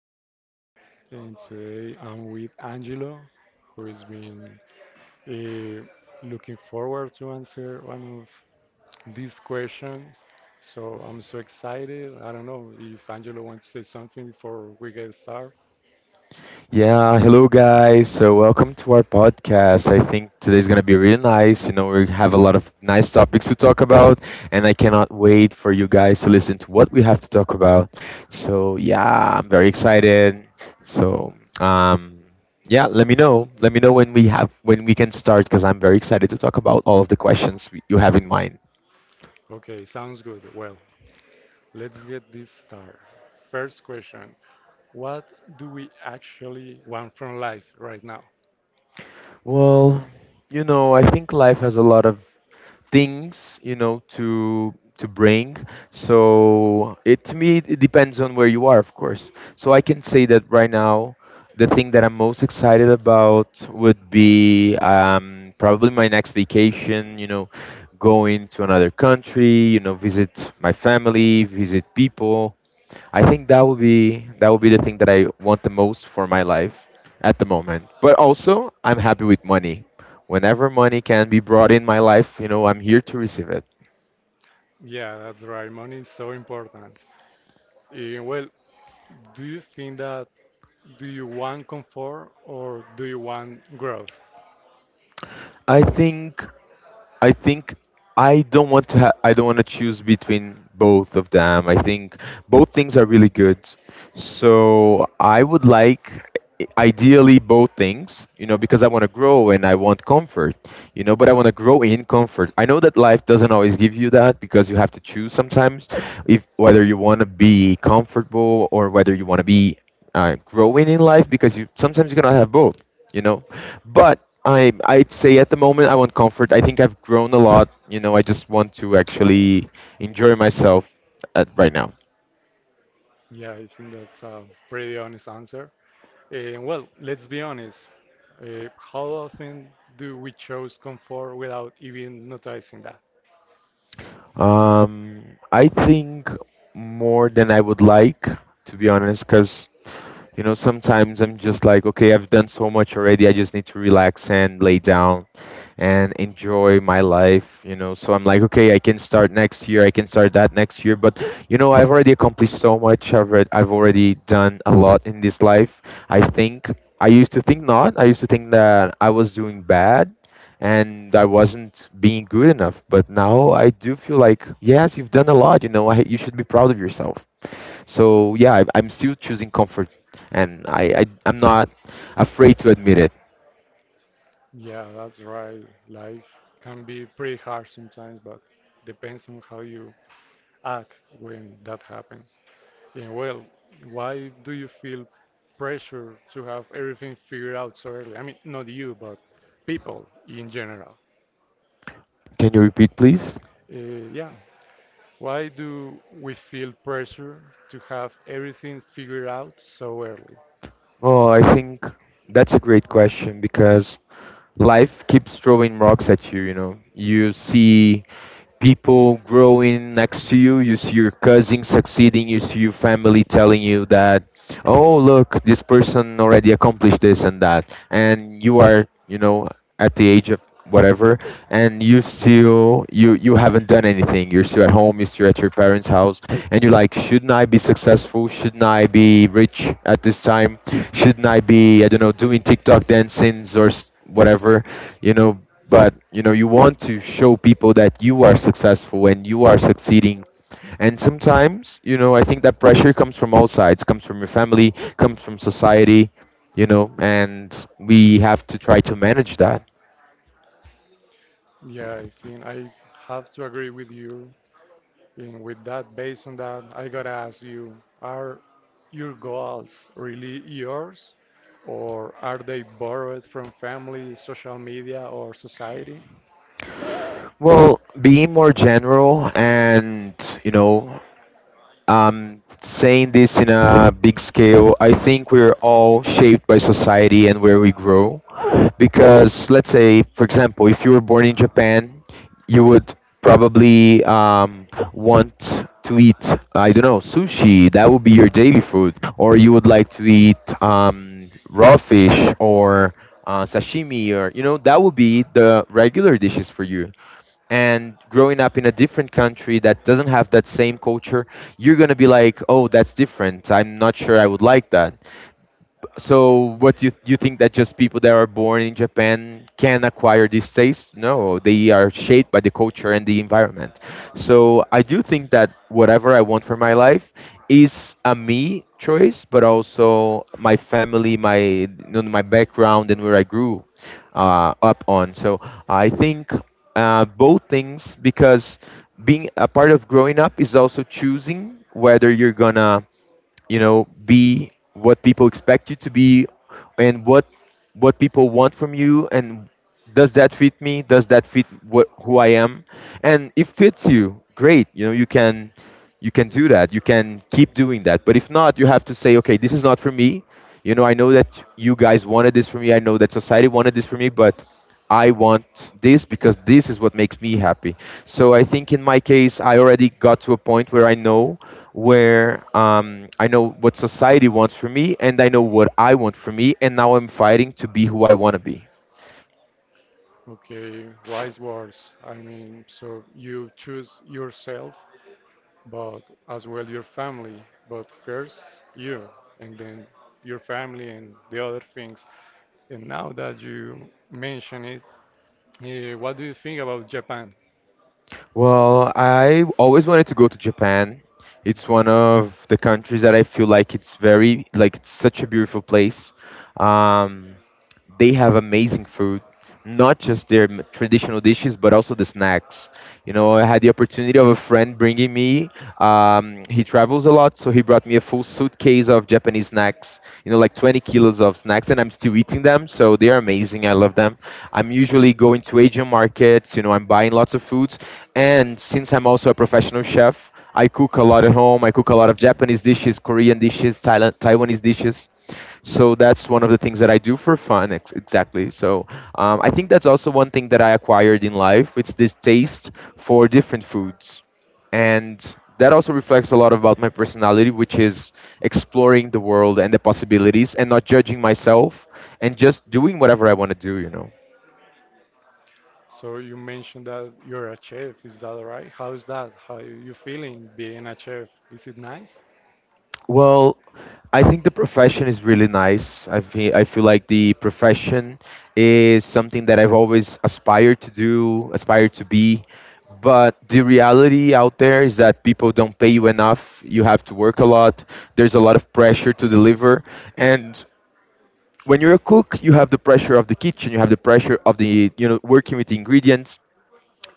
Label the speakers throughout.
Speaker 1: we're here, and today I'm with Angelo, who has been uh, looking forward to answer one of these questions. So I'm so excited. I don't know if Angelo wants to say something before we get started.
Speaker 2: Yeah, hello guys. So welcome to our podcast. I think today's gonna be really nice. You know, we have a lot of nice topics to talk about, and I cannot wait for you guys to listen to what we have to talk about. So yeah, I'm very excited. So um, yeah, let me know. Let me know when we can start because I'm very excited to talk about all of the questions you have in mind.
Speaker 1: Okay, sounds good. Well, let's get this started. First question: what do we actually want from life right now?
Speaker 2: Well, you know, I think life has a lot of things, you know, to bring. So it to me, it depends on where you are, of course. So I can say that right now the thing that I'm most excited about would be probably my next vacation, you know, going to another country, you know, visit my family, visit people. I think that would be the thing that I want the most for my life at the moment. But also, I'm happy with money. Whenever money can be brought in my life, you know, I'm here to receive it.
Speaker 1: Yeah, that's right. Money is so important. Eh, well, Do you think that do you want comfort or do you want growth?
Speaker 2: I think I think I don't want to choose between both of them. I think both things are really good. So I would like ideally both things, you know, because I want to grow and I want comfort, you know, but I want to grow in comfort. I know that life doesn't always give you that because you have to choose sometimes if whether you want to be comfortable or whether you want to be growing in life, because you sometimes you cannot have both, you know. But I'd say at the moment I want comfort. I think I've grown a lot, you know. I just want to actually enjoy myself at right now.
Speaker 1: Yeah, I think that's a pretty honest answer. And well, let's be honest. How often do we choose comfort without even noticing that?
Speaker 2: Um, I think more than I would like, to be honest, because you know sometimes I'm just like, okay, I've done so much already. I just need to relax and lay down and enjoy my life. You know, so I'm like, okay, I can start next year. I can start that next year. But you know, I've already accomplished so much. I've read, I've already done a lot in this life. I think I used to think not. I used to think that I was doing bad and I wasn't being good enough. But now I do feel like, yes, you've done a lot. You know, you should be proud of yourself. So yeah, I'm still choosing comfort, and I'm not afraid to admit it.
Speaker 1: Yeah, that's right. Life can be pretty hard sometimes, but depends on how you act when that happens. Yeah, well, why do you feel pressure to have everything figured out so early? I mean, not you, but people in general.
Speaker 2: Can you repeat, please?
Speaker 1: Yeah, why do we feel pressure to have everything figured out so early?
Speaker 2: Oh, I think that's a great question because life keeps throwing rocks at you. You know, you see people growing next to you. You see your cousin succeeding. You see your family telling you that, oh, look, this person already accomplished this and that. And you are, you know, at the age of whatever, and you haven't done anything. You're still at home, you're still at your parents house, and you're like, shouldn't I be successful? Shouldn't I be rich at this time? Shouldn't I be, I don't know, doing TikTok dancings or whatever, you know. But you know, you want to show people that you are successful and you are succeeding. And sometimes, you know, I think that pressure comes from all sides, comes from your family, comes from society, you know, and we have to try to manage that.
Speaker 1: Yeah, I think I have to agree with you. And with that, based on that, I gotta ask you, are your goals really yours? Or are they borrowed from family, social media, or society?
Speaker 2: Well, being more general, and, you know, saying this in a big scale, I think we're all shaped by society and where we grow. Because, let's say, for example, if you were born in Japan, you would probably want to eat, I don't know, sushi. That would be your daily food. Or you would like to eat raw fish or sashimi, or, you know, that would be the regular dishes for you. And growing up in a different country that doesn't have that same culture, you're going to be like, oh, that's different, I'm not sure I would like that. So, what do you think, that just people that are born in Japan can acquire these tastes? No, they are shaped by the culture and the environment. So, I do think that whatever I want for my life is a me choice, but also my family, my background, and where I grew up on. So, I think both things, because being a part of growing up is also choosing whether you're gonna, you know, be what people expect you to be, and what people want from you, and does that fit me, does that fit what who I am. And if fits you great, you know, you can do that, you can keep doing that. But if not, you have to say, okay, this is not for me. You know, I know that you guys wanted this for me, I know that society wanted this for me, but I want this because this is what makes me happy. So I think in my case, I already got to a point where I know what society wants for me, and I know what I want for me, and now I'm fighting to be who I want to be.
Speaker 1: Okay, wise words. I mean, so you choose yourself, but as well your family. But first you, and then your family and the other things. And now that you mention it, eh, what do you think about Japan?
Speaker 2: Well, I always wanted to go to Japan. It's one of the countries that I feel like it's very like it's such a beautiful place. Um, They have amazing food, not just their traditional dishes, but also the snacks. You know, I had the opportunity of a friend bringing me. He travels a lot, so he brought me a full suitcase of Japanese snacks. You know, like 20 kilos of snacks, and I'm still eating them. So they are amazing. I love them. I'm usually going to Asian markets. You know, I'm buying lots of foods, and since I'm also a professional chef. I cook a lot at home. I cook a lot of Japanese dishes, Korean dishes, Thailand, Taiwanese dishes. So that's one of the things that I do for fun. Exactly. So I think that's also one thing that I acquired in life. It's this taste for different foods, and that also reflects a lot about my personality, which is exploring the world and the possibilities, and not judging myself, and just doing whatever I want to do, you know.
Speaker 1: So you mentioned that you're a chef. Is that right? How is that? How are you feeling being a chef? Is it nice?
Speaker 2: Well, I think the profession is really nice. I feel like the profession is something that I've always aspired to do, aspired to be. But the reality out there is that people don't pay you enough. You have to work a lot. There's a lot of pressure to deliver. And when you're a cook, you have the pressure of the kitchen, you have the pressure of the, you know, working with the ingredients.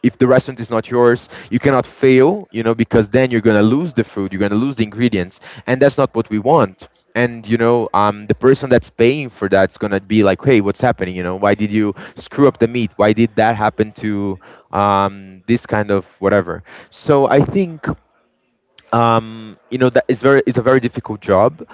Speaker 2: If the restaurant is not yours, you cannot fail, you know, because then you're going to lose the food, you're going to lose the ingredients, and that's not what we want. And, you know, the person that's paying for that's going to be like, hey, what's happening? You know, why did you screw up the meat, why did that happen to this kind of whatever. So I think, you know, that it's a very difficult job,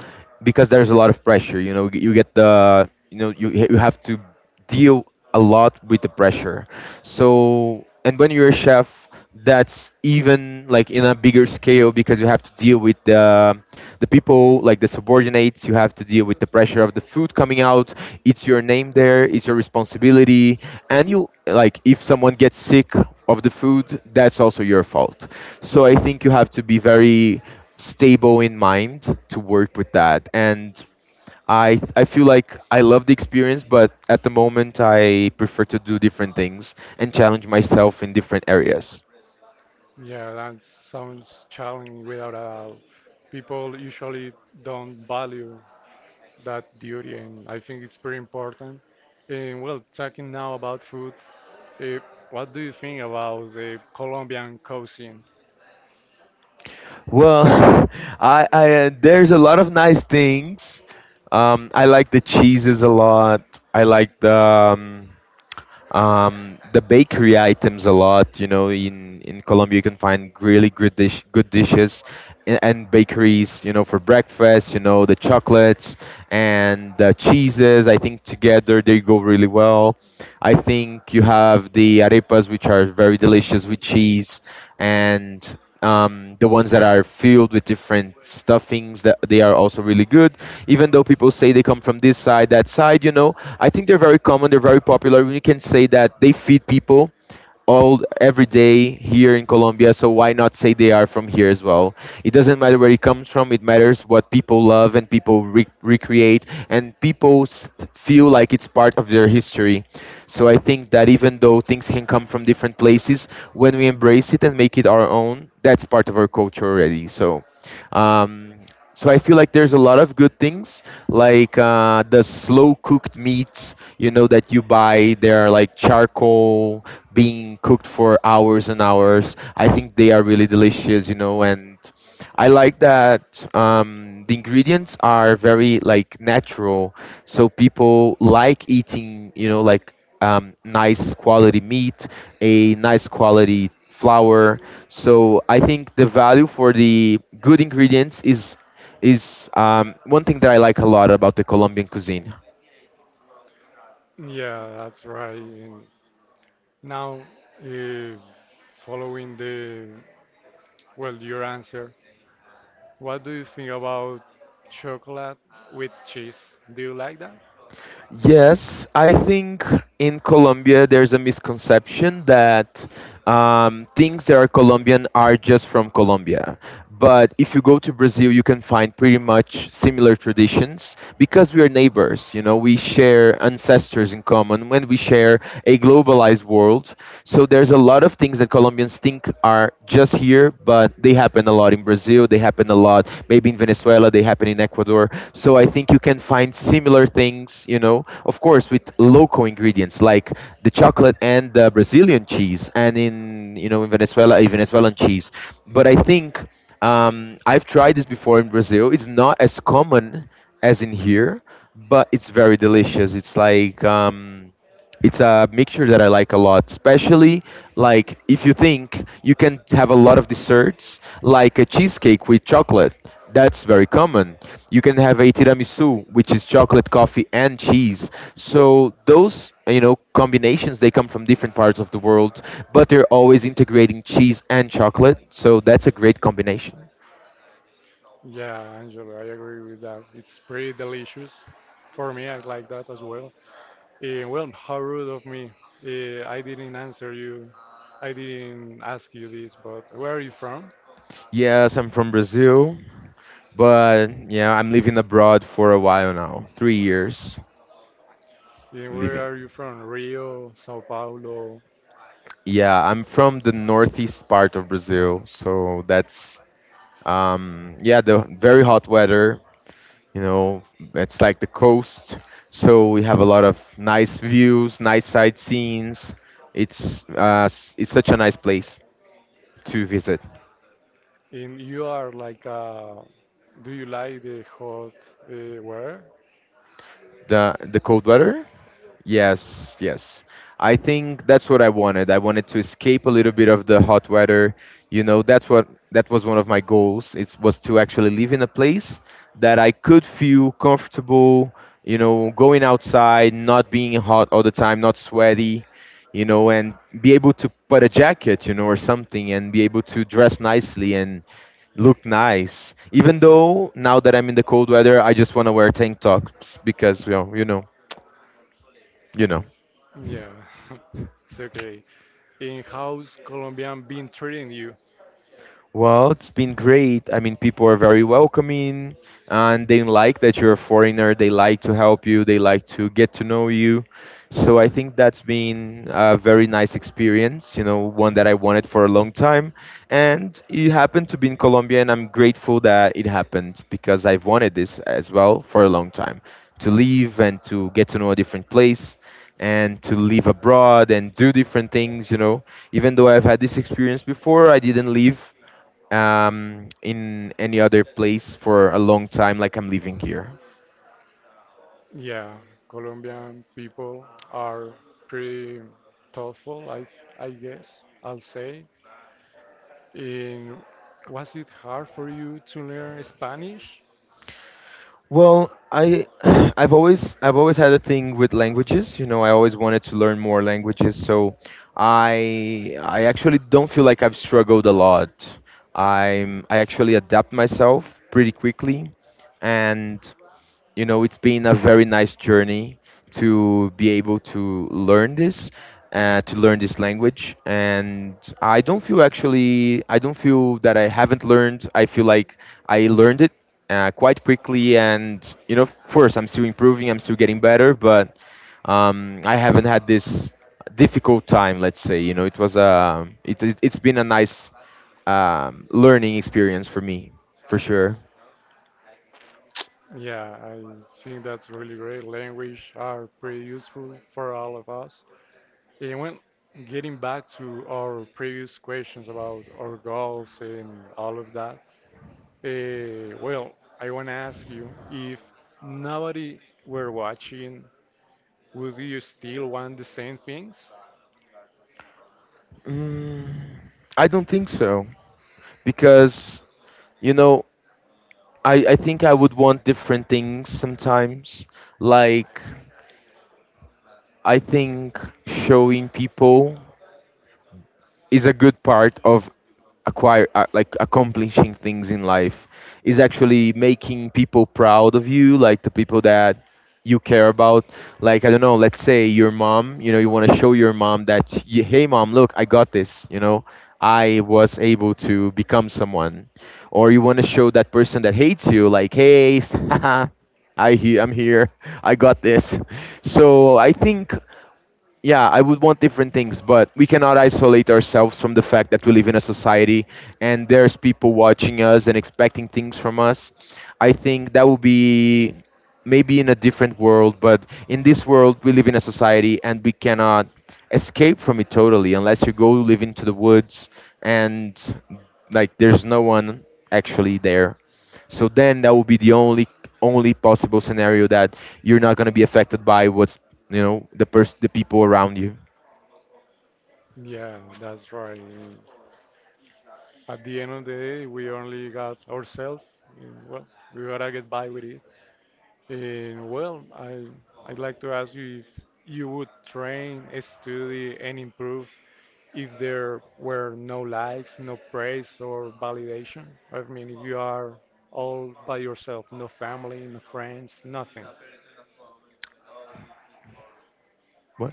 Speaker 2: because there's a lot of pressure, you know. You get the you know you, you have to deal a lot with the pressure. So, and when you're a chef, that's even like in a bigger scale, because you have to deal with the people, like the subordinates. You have to deal with the pressure of the food coming out. It's your name there. It's your responsibility. And you like, if someone gets sick of the food, that's also your fault. So I think you have to be very stable in mind to work with that. And I feel like I love the experience, but at the moment I prefer to do different things and challenge myself in different areas.
Speaker 1: Yeah, that sounds challenging without a doubt. People usually don't value that duty, and I think it's pretty important. And well, talking now about food, uh, what do you think about the Colombian cuisine?
Speaker 2: Well, I there's a lot of nice things. I like the cheeses a lot. I like the bakery items a lot. You know, in Colombia you can find really good dishes and bakeries. You know, for breakfast. You know, the chocolates and the cheeses. I think together they go really well. I think you have the arepas, which are very delicious with cheese and the ones that are filled with different stuffings that they are also really good, even though people say they come from this side, that side, you know. I think they're very common, they're very popular. We can say that they feed people all every day here in Colombia, so why not say they are from here as well? It doesn't matter where it comes from. It matters what people love and people recreate, and feel like it's part of their history. So I think that even though things can come from different places, when we embrace it and make it our own, that's part of our culture already. So. Um, so I feel like there's a lot of good things, like the slow cooked meats, you know, that you buy. They are like charcoal, being cooked for hours and hours. I think they are really delicious, you know, and I like that the ingredients are very like natural, so people like eating, you know, like nice quality meat, a nice quality flour. So I think the value for the good ingredients is one thing that I like a lot about the Colombian cuisine.
Speaker 1: Yeah, that's right. And now, uh, following the well, your answer, what do you think about chocolate with cheese? Do you like that?
Speaker 2: Yes, I think in Colombia there's a misconception that things that are Colombian are just from Colombia. But if you go to Brazil, you can find pretty much similar traditions because we are neighbors. You know, we share ancestors in common when we share a globalized world. So there's a lot of things that Colombians think are just here, but they have happen a lot in Brazil, they happen a lot maybe in Venezuela, they happen in Ecuador. So I think you can find similar things, you know, of course with local ingredients like the chocolate and the Brazilian cheese, and in, you know, in Venezuela a Venezuelan cheese. But I think I've tried this before in Brazil. It's not as common as in here, but it's very delicious. It's like it's a mixture that I like a lot, especially like if you think you can have a lot of desserts, like a cheesecake with chocolate. That's very common. You can have a tiramisu, which is chocolate, coffee, and cheese. So those, you know, combinations they come from different parts of the world, but they're always integrating cheese and chocolate. So that's a great combination.
Speaker 1: Yeah, Angela, I agree with that. It's pretty delicious. For me, I like that as well. Eh, well, how rude of me. Eh, I didn't answer you. I didn't ask you this, but where are you from?
Speaker 2: Yes, I'm from Brazil, but yeah, I'm living abroad for a while now, 3 years
Speaker 1: Eh, where
Speaker 2: living.
Speaker 1: are you from? Rio, Sao Paulo?
Speaker 2: Yeah, I'm from the northeast part of Brazil, so that's yeah, the very hot weather, you know, it's like the coast, so we have a lot of nice views, nice sightseeing. It's it's such a nice place to visit.
Speaker 1: And you are like, do you like the hot weather?
Speaker 2: The cold weather? Yes, yes. I think that's what I wanted. I wanted to escape a little bit of the hot weather. You know, that's what that was one of my goals. It was to actually live in a place that I could feel comfortable, you know, going outside, not being hot all the time, not sweaty, you know, and be able to put a jacket, you know, or something and be able to dress nicely and look nice. Even though now that I'm in the cold weather, I just want to wear tank tops because, well, you know, you know.
Speaker 1: Yeah, it's okay. And how's Colombian been treating you?
Speaker 2: Well, it's been great. I mean, people are very welcoming and they like that you're a foreigner. They like to help you, they like to get to know you. So I think that's been a very nice experience, you know, one that I wanted for a long time. And it happened to be in Colombia, and I'm grateful that it happened because I've wanted this as well for a long time to leave and to get to know a different place and to live abroad and do different things, you know, even though I've had this experience before, I didn't leave in any other place for a long time, like I'm living here?
Speaker 1: Yeah, Colombian people are pretty thoughtful, I guess, I'll say. And was it hard for you to learn Spanish?
Speaker 2: Well, I I've always had a thing with languages. You know, I always wanted to learn more languages, so I actually don't feel like I've struggled a lot. I actually adapt myself pretty quickly, and you know it's been a very nice journey to be able to learn this language, and I don't feel, actually, I don't feel that I haven't learned. I feel like I learned it quite quickly, and you know, of course I'm still improving, I'm still getting better, but I haven't had this difficult time, let's say. You know, it was it's been a nice learning experience for me, for sure.
Speaker 1: Yeah, I think that's really great. Language are pretty useful for all of us. And when getting back to our previous questions about our goals and all of that, well, I want to ask you if nobody were watching, would you still want the same things?
Speaker 2: Mm, I don't think so, because you know, I think I would want different things sometimes, like I think showing people is a good part of acquire like accomplishing things in life, is actually making people proud of you, like the people that you care about, like I don't know, let's say your mom. You know, you want to show your mom that hey mom, look, I got this, you know, I was able to become someone. Or you want to show that person that hates you, like, hey, haha, I'm here, I got this. So I think, yeah, I would want different things, but we cannot isolate ourselves from the fact that we live in a society and there's people watching us and expecting things from us. I think that would be maybe in a different world, but in this world, we live in a society and we cannot escape from it totally unless you go live into the woods and like there's no one actually there. So then that would be the only only possible scenario that you're not going to be affected by what's, you know, the people around you.
Speaker 1: Yeah, that's right. At the end of the day, we only got ourselves. And, well, we gotta get by with it. And well, I'd like to ask you if you would train, study, and improve if there were no likes, no praise, or validation. I mean, if you are all by yourself, no family, no friends, nothing.
Speaker 2: What?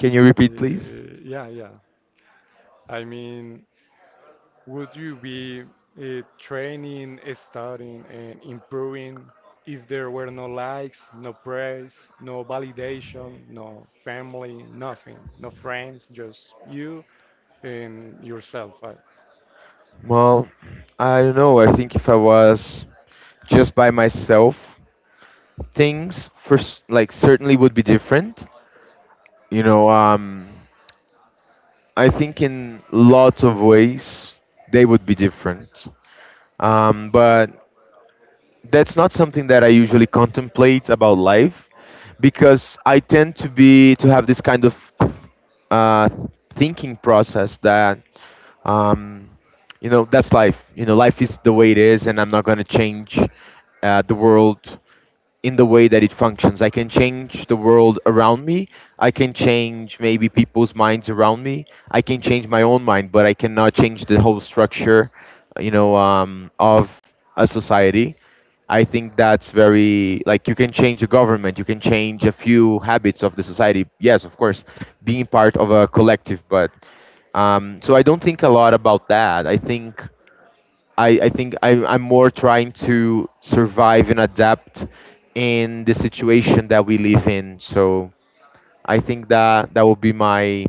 Speaker 2: Can you repeat, please?
Speaker 1: Yeah, yeah. I mean, would you be training, studying, and improving if there were no likes, no praise, no validation, no family, nothing, no friends, just you and yourself? I-
Speaker 2: Well, I don't know. I think if I was just by myself, things first like certainly would be different. You know, I think in lots of ways they would be different. But that's not something that I usually contemplate about life, because I tend to be to have this kind of uh, thinking process that um, you know, that's life. You know, life is the way it is, and I'm not going to change the world in the way that it functions. I can change the world around me. I can change maybe people's minds around me. I can change my own mind, but I cannot change the whole structure, you know, of a society. I think that's very like you can change the government, you can change a few habits of the society. Yes, of course, being part of a collective, but so I don't think a lot about that. I think I think I'm more trying to survive and adapt in the situation that we live in. So I think that that would be my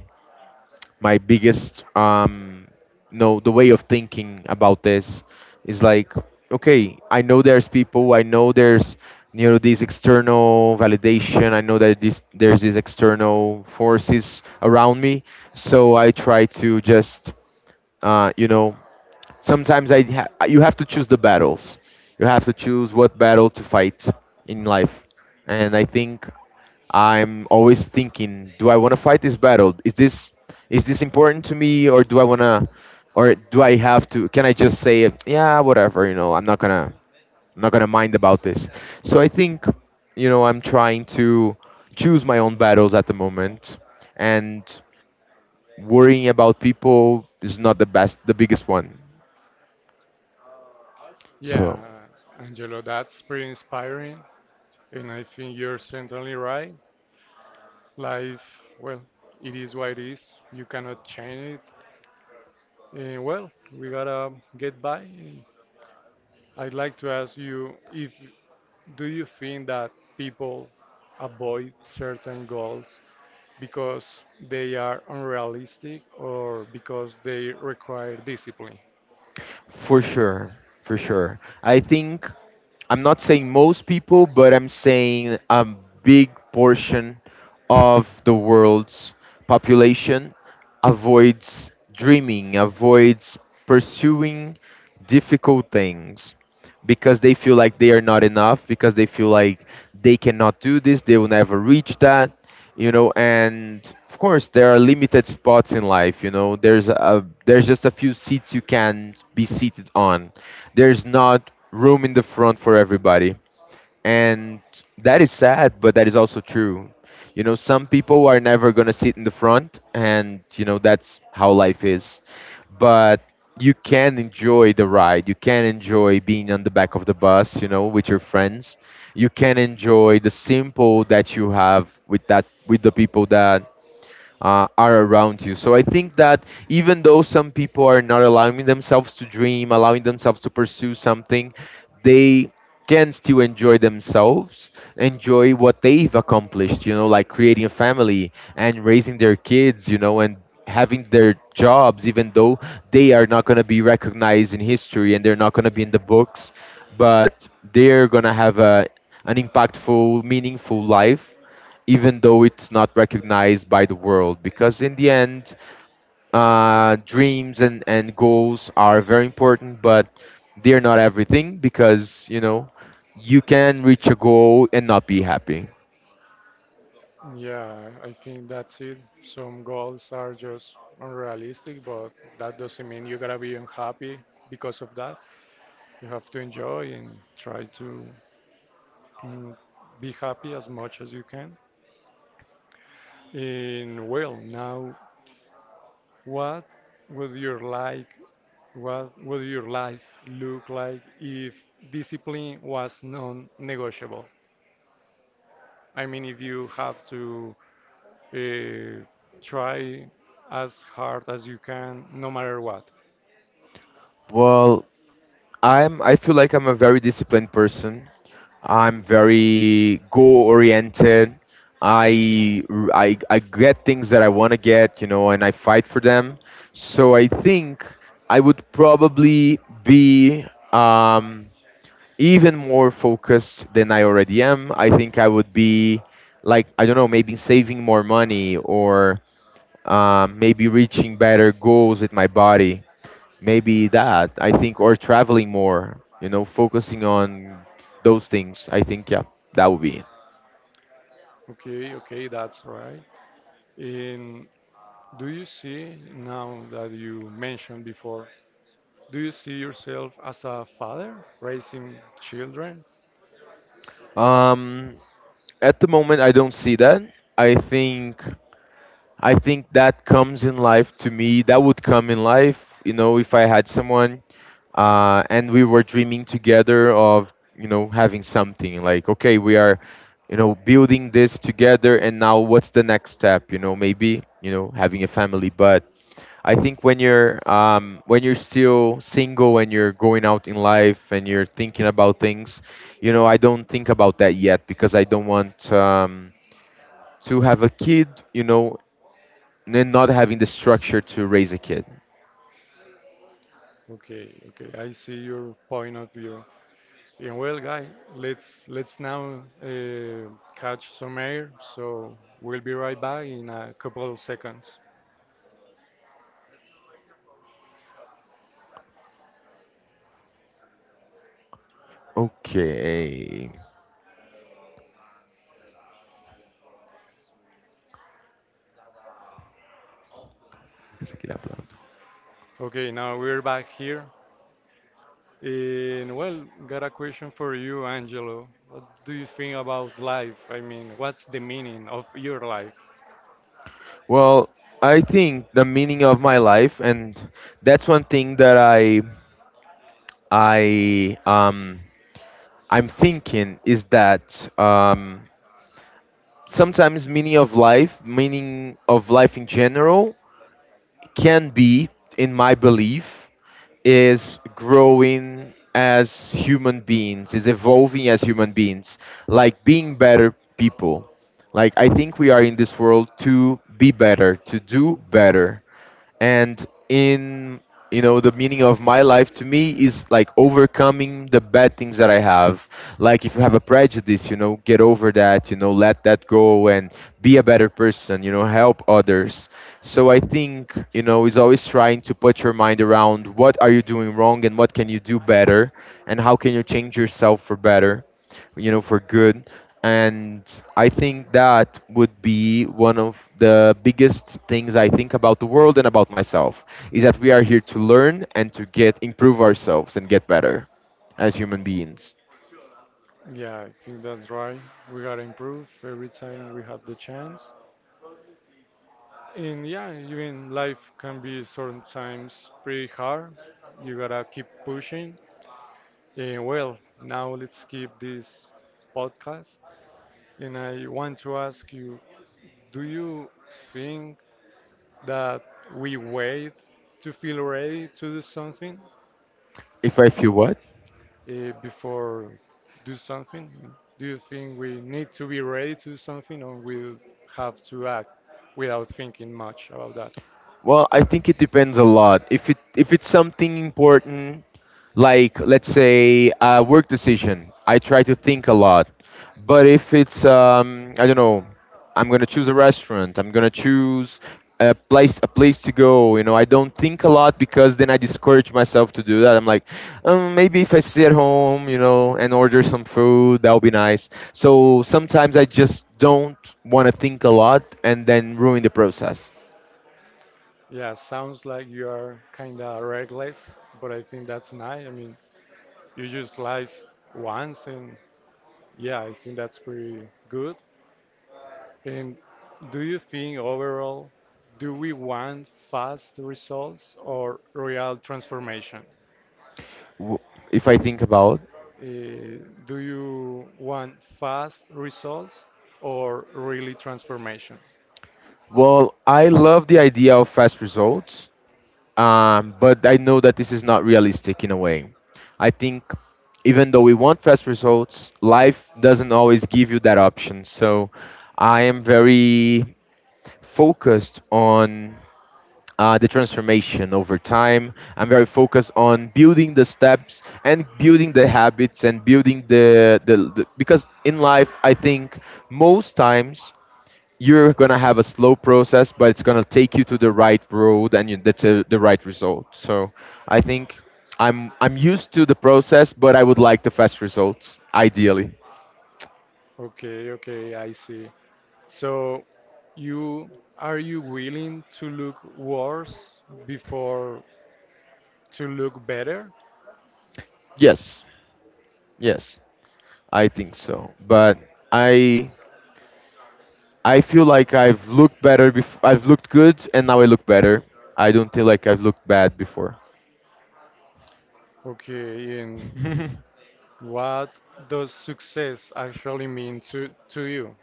Speaker 2: my biggest no, the way of thinking about this is like, okay, I know there's people, I know there's, you know, this external validation, I know that this there's these external forces around me, so I try to just you know. Sometimes you have to choose the battles. You have to choose what battle to fight in life. And I think I'm always thinking, do I want to fight this battle? Is this important to me, or do I wanna, or do I have to? Can I just say, yeah, whatever, you know, I'm not gonna mind about this. So I think, you know, I'm trying to choose my own battles at the moment, and worrying about people is not the best, the biggest one. So.
Speaker 1: yeah, Angelo, that's pretty inspiring, and I think you're certainly right. Life, well, it is what it is. You cannot change it. And well, we gotta get by. And I'd like to ask you if do you think that people avoid certain goals because they are unrealistic or because they require discipline?
Speaker 2: For sure, for sure. I think I'm not saying most people, but I'm saying a big portion of the world's population avoids dreaming, avoids pursuing difficult things because they feel like they are not enough, because they feel like they cannot do this, they will never reach that, you know. And of course, there are limited spots in life, you know. There's a there's just a few seats you can be seated on. There's not room in the front for everybody, and that is sad, but that is also true. You know, some people are never going to sit in the front and you know that's how life is, but you can enjoy the ride, you can enjoy being on the back of the bus, you know, with your friends. You can enjoy the simple that you have with that with the people that are around you. So I think that even though some people are not allowing themselves to dream, allowing themselves to pursue something, they can still enjoy themselves, enjoy what they've accomplished, you know, like creating a family and raising their kids, you know, and having their jobs, even though they are not going to be recognized in history and they're not going to be in the books, but they're going to have a, an impactful, meaningful life even though it's not recognized by the world because in the end dreams and goals are very important, but they're not everything because, you know, you can reach a goal and not be happy.
Speaker 1: Yeah, I think that's it. Some goals are just unrealistic, but that doesn't mean you gotta be unhappy because of that. You have to enjoy and try to mm, be happy as much as you can. And well, now, what would you like what would your life look like if discipline was non-negotiable? I mean, if you have to uh, try as hard as you can, no matter what.
Speaker 2: Well, I feel like I'm a very disciplined person. I'm very goal oriented. I get things that I want to get, you know, and I fight for them. So I think I would probably be um, even more focused than I already am. I think I would be, like, I don't know, maybe saving more money, or maybe reaching better goals with my body, maybe. That I think, or traveling more, you know, focusing on those things, I think. Yeah, that would be it.
Speaker 1: Okay, okay, that's right. And do you see, now that you mentioned before, do you see yourself as a father raising children?
Speaker 2: um at the moment, I don't see that. I think i think that comes in life. To me, that would come in life, you know, if I had someone, and we were dreaming together of, you know, having something like, okay, we are, you know, building this together, and now what's the next step, you know, maybe, you know, having a family. But I think when you're still single and you're going out in life and you're thinking about things, you know, I don't think about that yet because I don't want, to have a kid, you know, and then not having the structure to raise a kid.
Speaker 1: Okay, okay, I see your point of view. And well, guy, let's now catch some air. So we'll be right back in a couple of seconds.
Speaker 2: Okay. Essa aqui dá pra outro.
Speaker 1: Okay, now we're back here. And well, got a question for you, Angelo. What do you think about life? I mean, what's the meaning of your life?
Speaker 2: Well, I think the meaning of my life, and that's one thing that I um I'm thinking, is that, um, sometimes meaning of life in general, can be, in my belief, is growing as human beings, is evolving as human beings, like being better people. Like, I think we are in this world to be better, to do better, and, in, you know, the meaning of my life to me is like overcoming the bad things that I have. Like, if you have a prejudice, you know, get over that, you know, let that go and be a better person, you know, help others. So I think, you know, is always trying to put your mind around what are you doing wrong and what can you do better, and how can you change yourself for better, you know, for good. And I think that would be one of the biggest things I think about the world and about myself, is that we are here to learn and to get improve ourselves and get better as human beings.
Speaker 1: Yeah, I think that's right. We gotta improve every time we have the chance. And yeah, even life can be sometimes pretty hard. You gotta keep pushing. Eh, well, now let's keep this podcast. And I want to ask you do you think that we wait to feel ready to do something
Speaker 2: If I feel what?
Speaker 1: uh, before do something? Do you think we need to be ready to do something or we have to act without thinking much about that?
Speaker 2: Well, I think it depends a lot. If it's something important, like, let's say, a work decision, I try to think a lot. But if it's, I don't know, I'm gonna choose a restaurant. I'm gonna choose a place to go. You know, I don't think a lot because then I discourage myself to do that. I'm like, maybe if I stay at home, you know, and order some food, that'll be nice. So sometimes I just don't want to think a lot and then ruin the process.
Speaker 1: Yeah, sounds like you are kind of reckless, but I think that's nice. I mean, you just live once. And yeah, I think that's pretty good. And do you think overall, do we want fast results or real transformation?
Speaker 2: w- if I think about.
Speaker 1: Uh, do you want fast results or really transformation?
Speaker 2: Well, I love the idea of fast results, but I know that this is not realistic in a way. I think even though we want fast results, life doesn't always give you that option. So I am very focused on the transformation over time. I'm very focused on building the steps and building the habits and building the because in life I think most times you're gonna have a slow process, but it's gonna take you to the right road and you, that's a, the right result. So I think I'm used to the process, but I would like the fast results ideally.
Speaker 1: Okay, okay, I see. So you are you willing to look worse before to look better?
Speaker 2: Yes, yes, I think so. But I I feel like I've looked better. I've looked good, and now I look better. I don't feel like I've looked bad before.
Speaker 1: Okay, and what does success actually mean to you?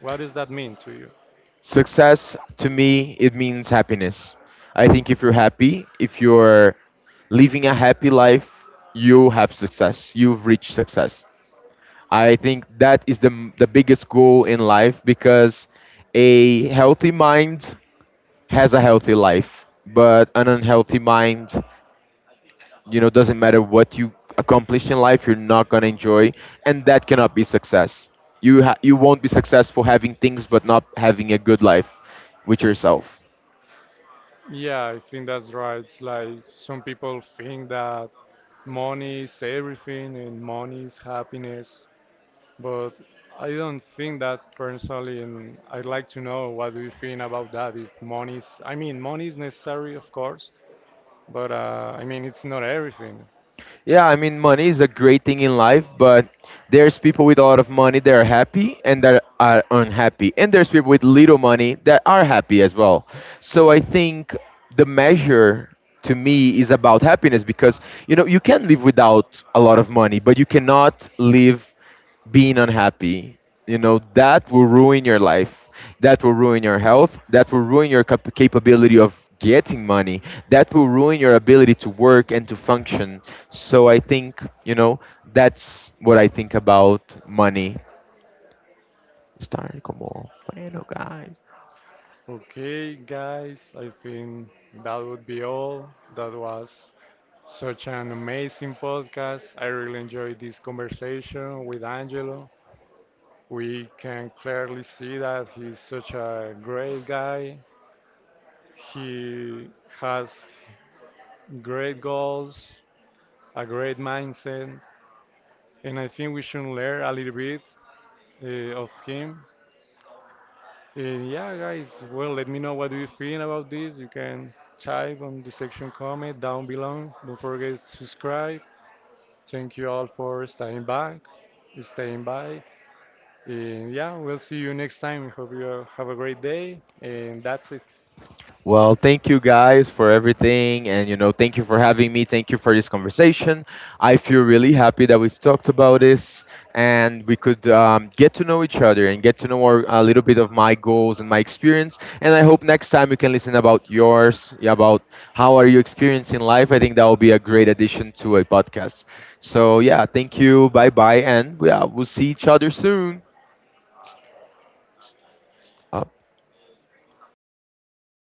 Speaker 1: What does that mean to you?
Speaker 2: Success to me, it means happiness. I think if you're happy, if you're living a happy life, you have success. You've reached success. I think that is the biggest goal in life because a healthy mind has a healthy life, but an unhealthy mind, you know, doesn't matter what you accomplish in life, you're not gonna enjoy, and that cannot be success. You won't be successful having things but not having a good life with yourself.
Speaker 1: Yeah, I think that's right. It's like some people think that money is everything and money is happiness, but I don't think that personally, and I'd like to know what do you think about that? If money is, I mean, money is necessary, of course, but I mean, it's not everything.
Speaker 2: Yeah, I mean, money is a great thing in life, but there's people with a lot of money that are happy and that are unhappy. And there's people with little money that are happy as well. So I think the measure to me is about happiness because, you know, you can live without a lot of money, but you cannot live being unhappy. You know, that will ruin your life. That will ruin your health. That will ruin your capability of getting money. That will ruin your ability to work and to function. So I think, you know, that's what I think about money. Start como, bueno, guys.
Speaker 1: Okay, guys, I think that would be all. That was such an amazing podcast. I really enjoyed this conversation with Angelo. We can clearly see that he's such a great guy. He has great goals, a great mindset, and I think we should learn a little bit of him. And yeah, guys, well, let me know what do you think about this. You can type on the section comment down below. Don't forget to subscribe. Thank you all for staying by. And yeah, we'll see you next time. Hope you have a great day. And that's it.
Speaker 2: Well, thank you guys for everything. And, you know, thank you for having me. Thank you for this conversation. I feel really happy that we've talked about this and we could, get to know each other and get to know our, a little bit of my goals and my experience. And I hope next time you can listen about yours, yeah, about how are you experiencing life. I think that will be a great addition to a podcast. So, yeah, thank you. Bye bye. And yeah, we'll see each other soon. Uh,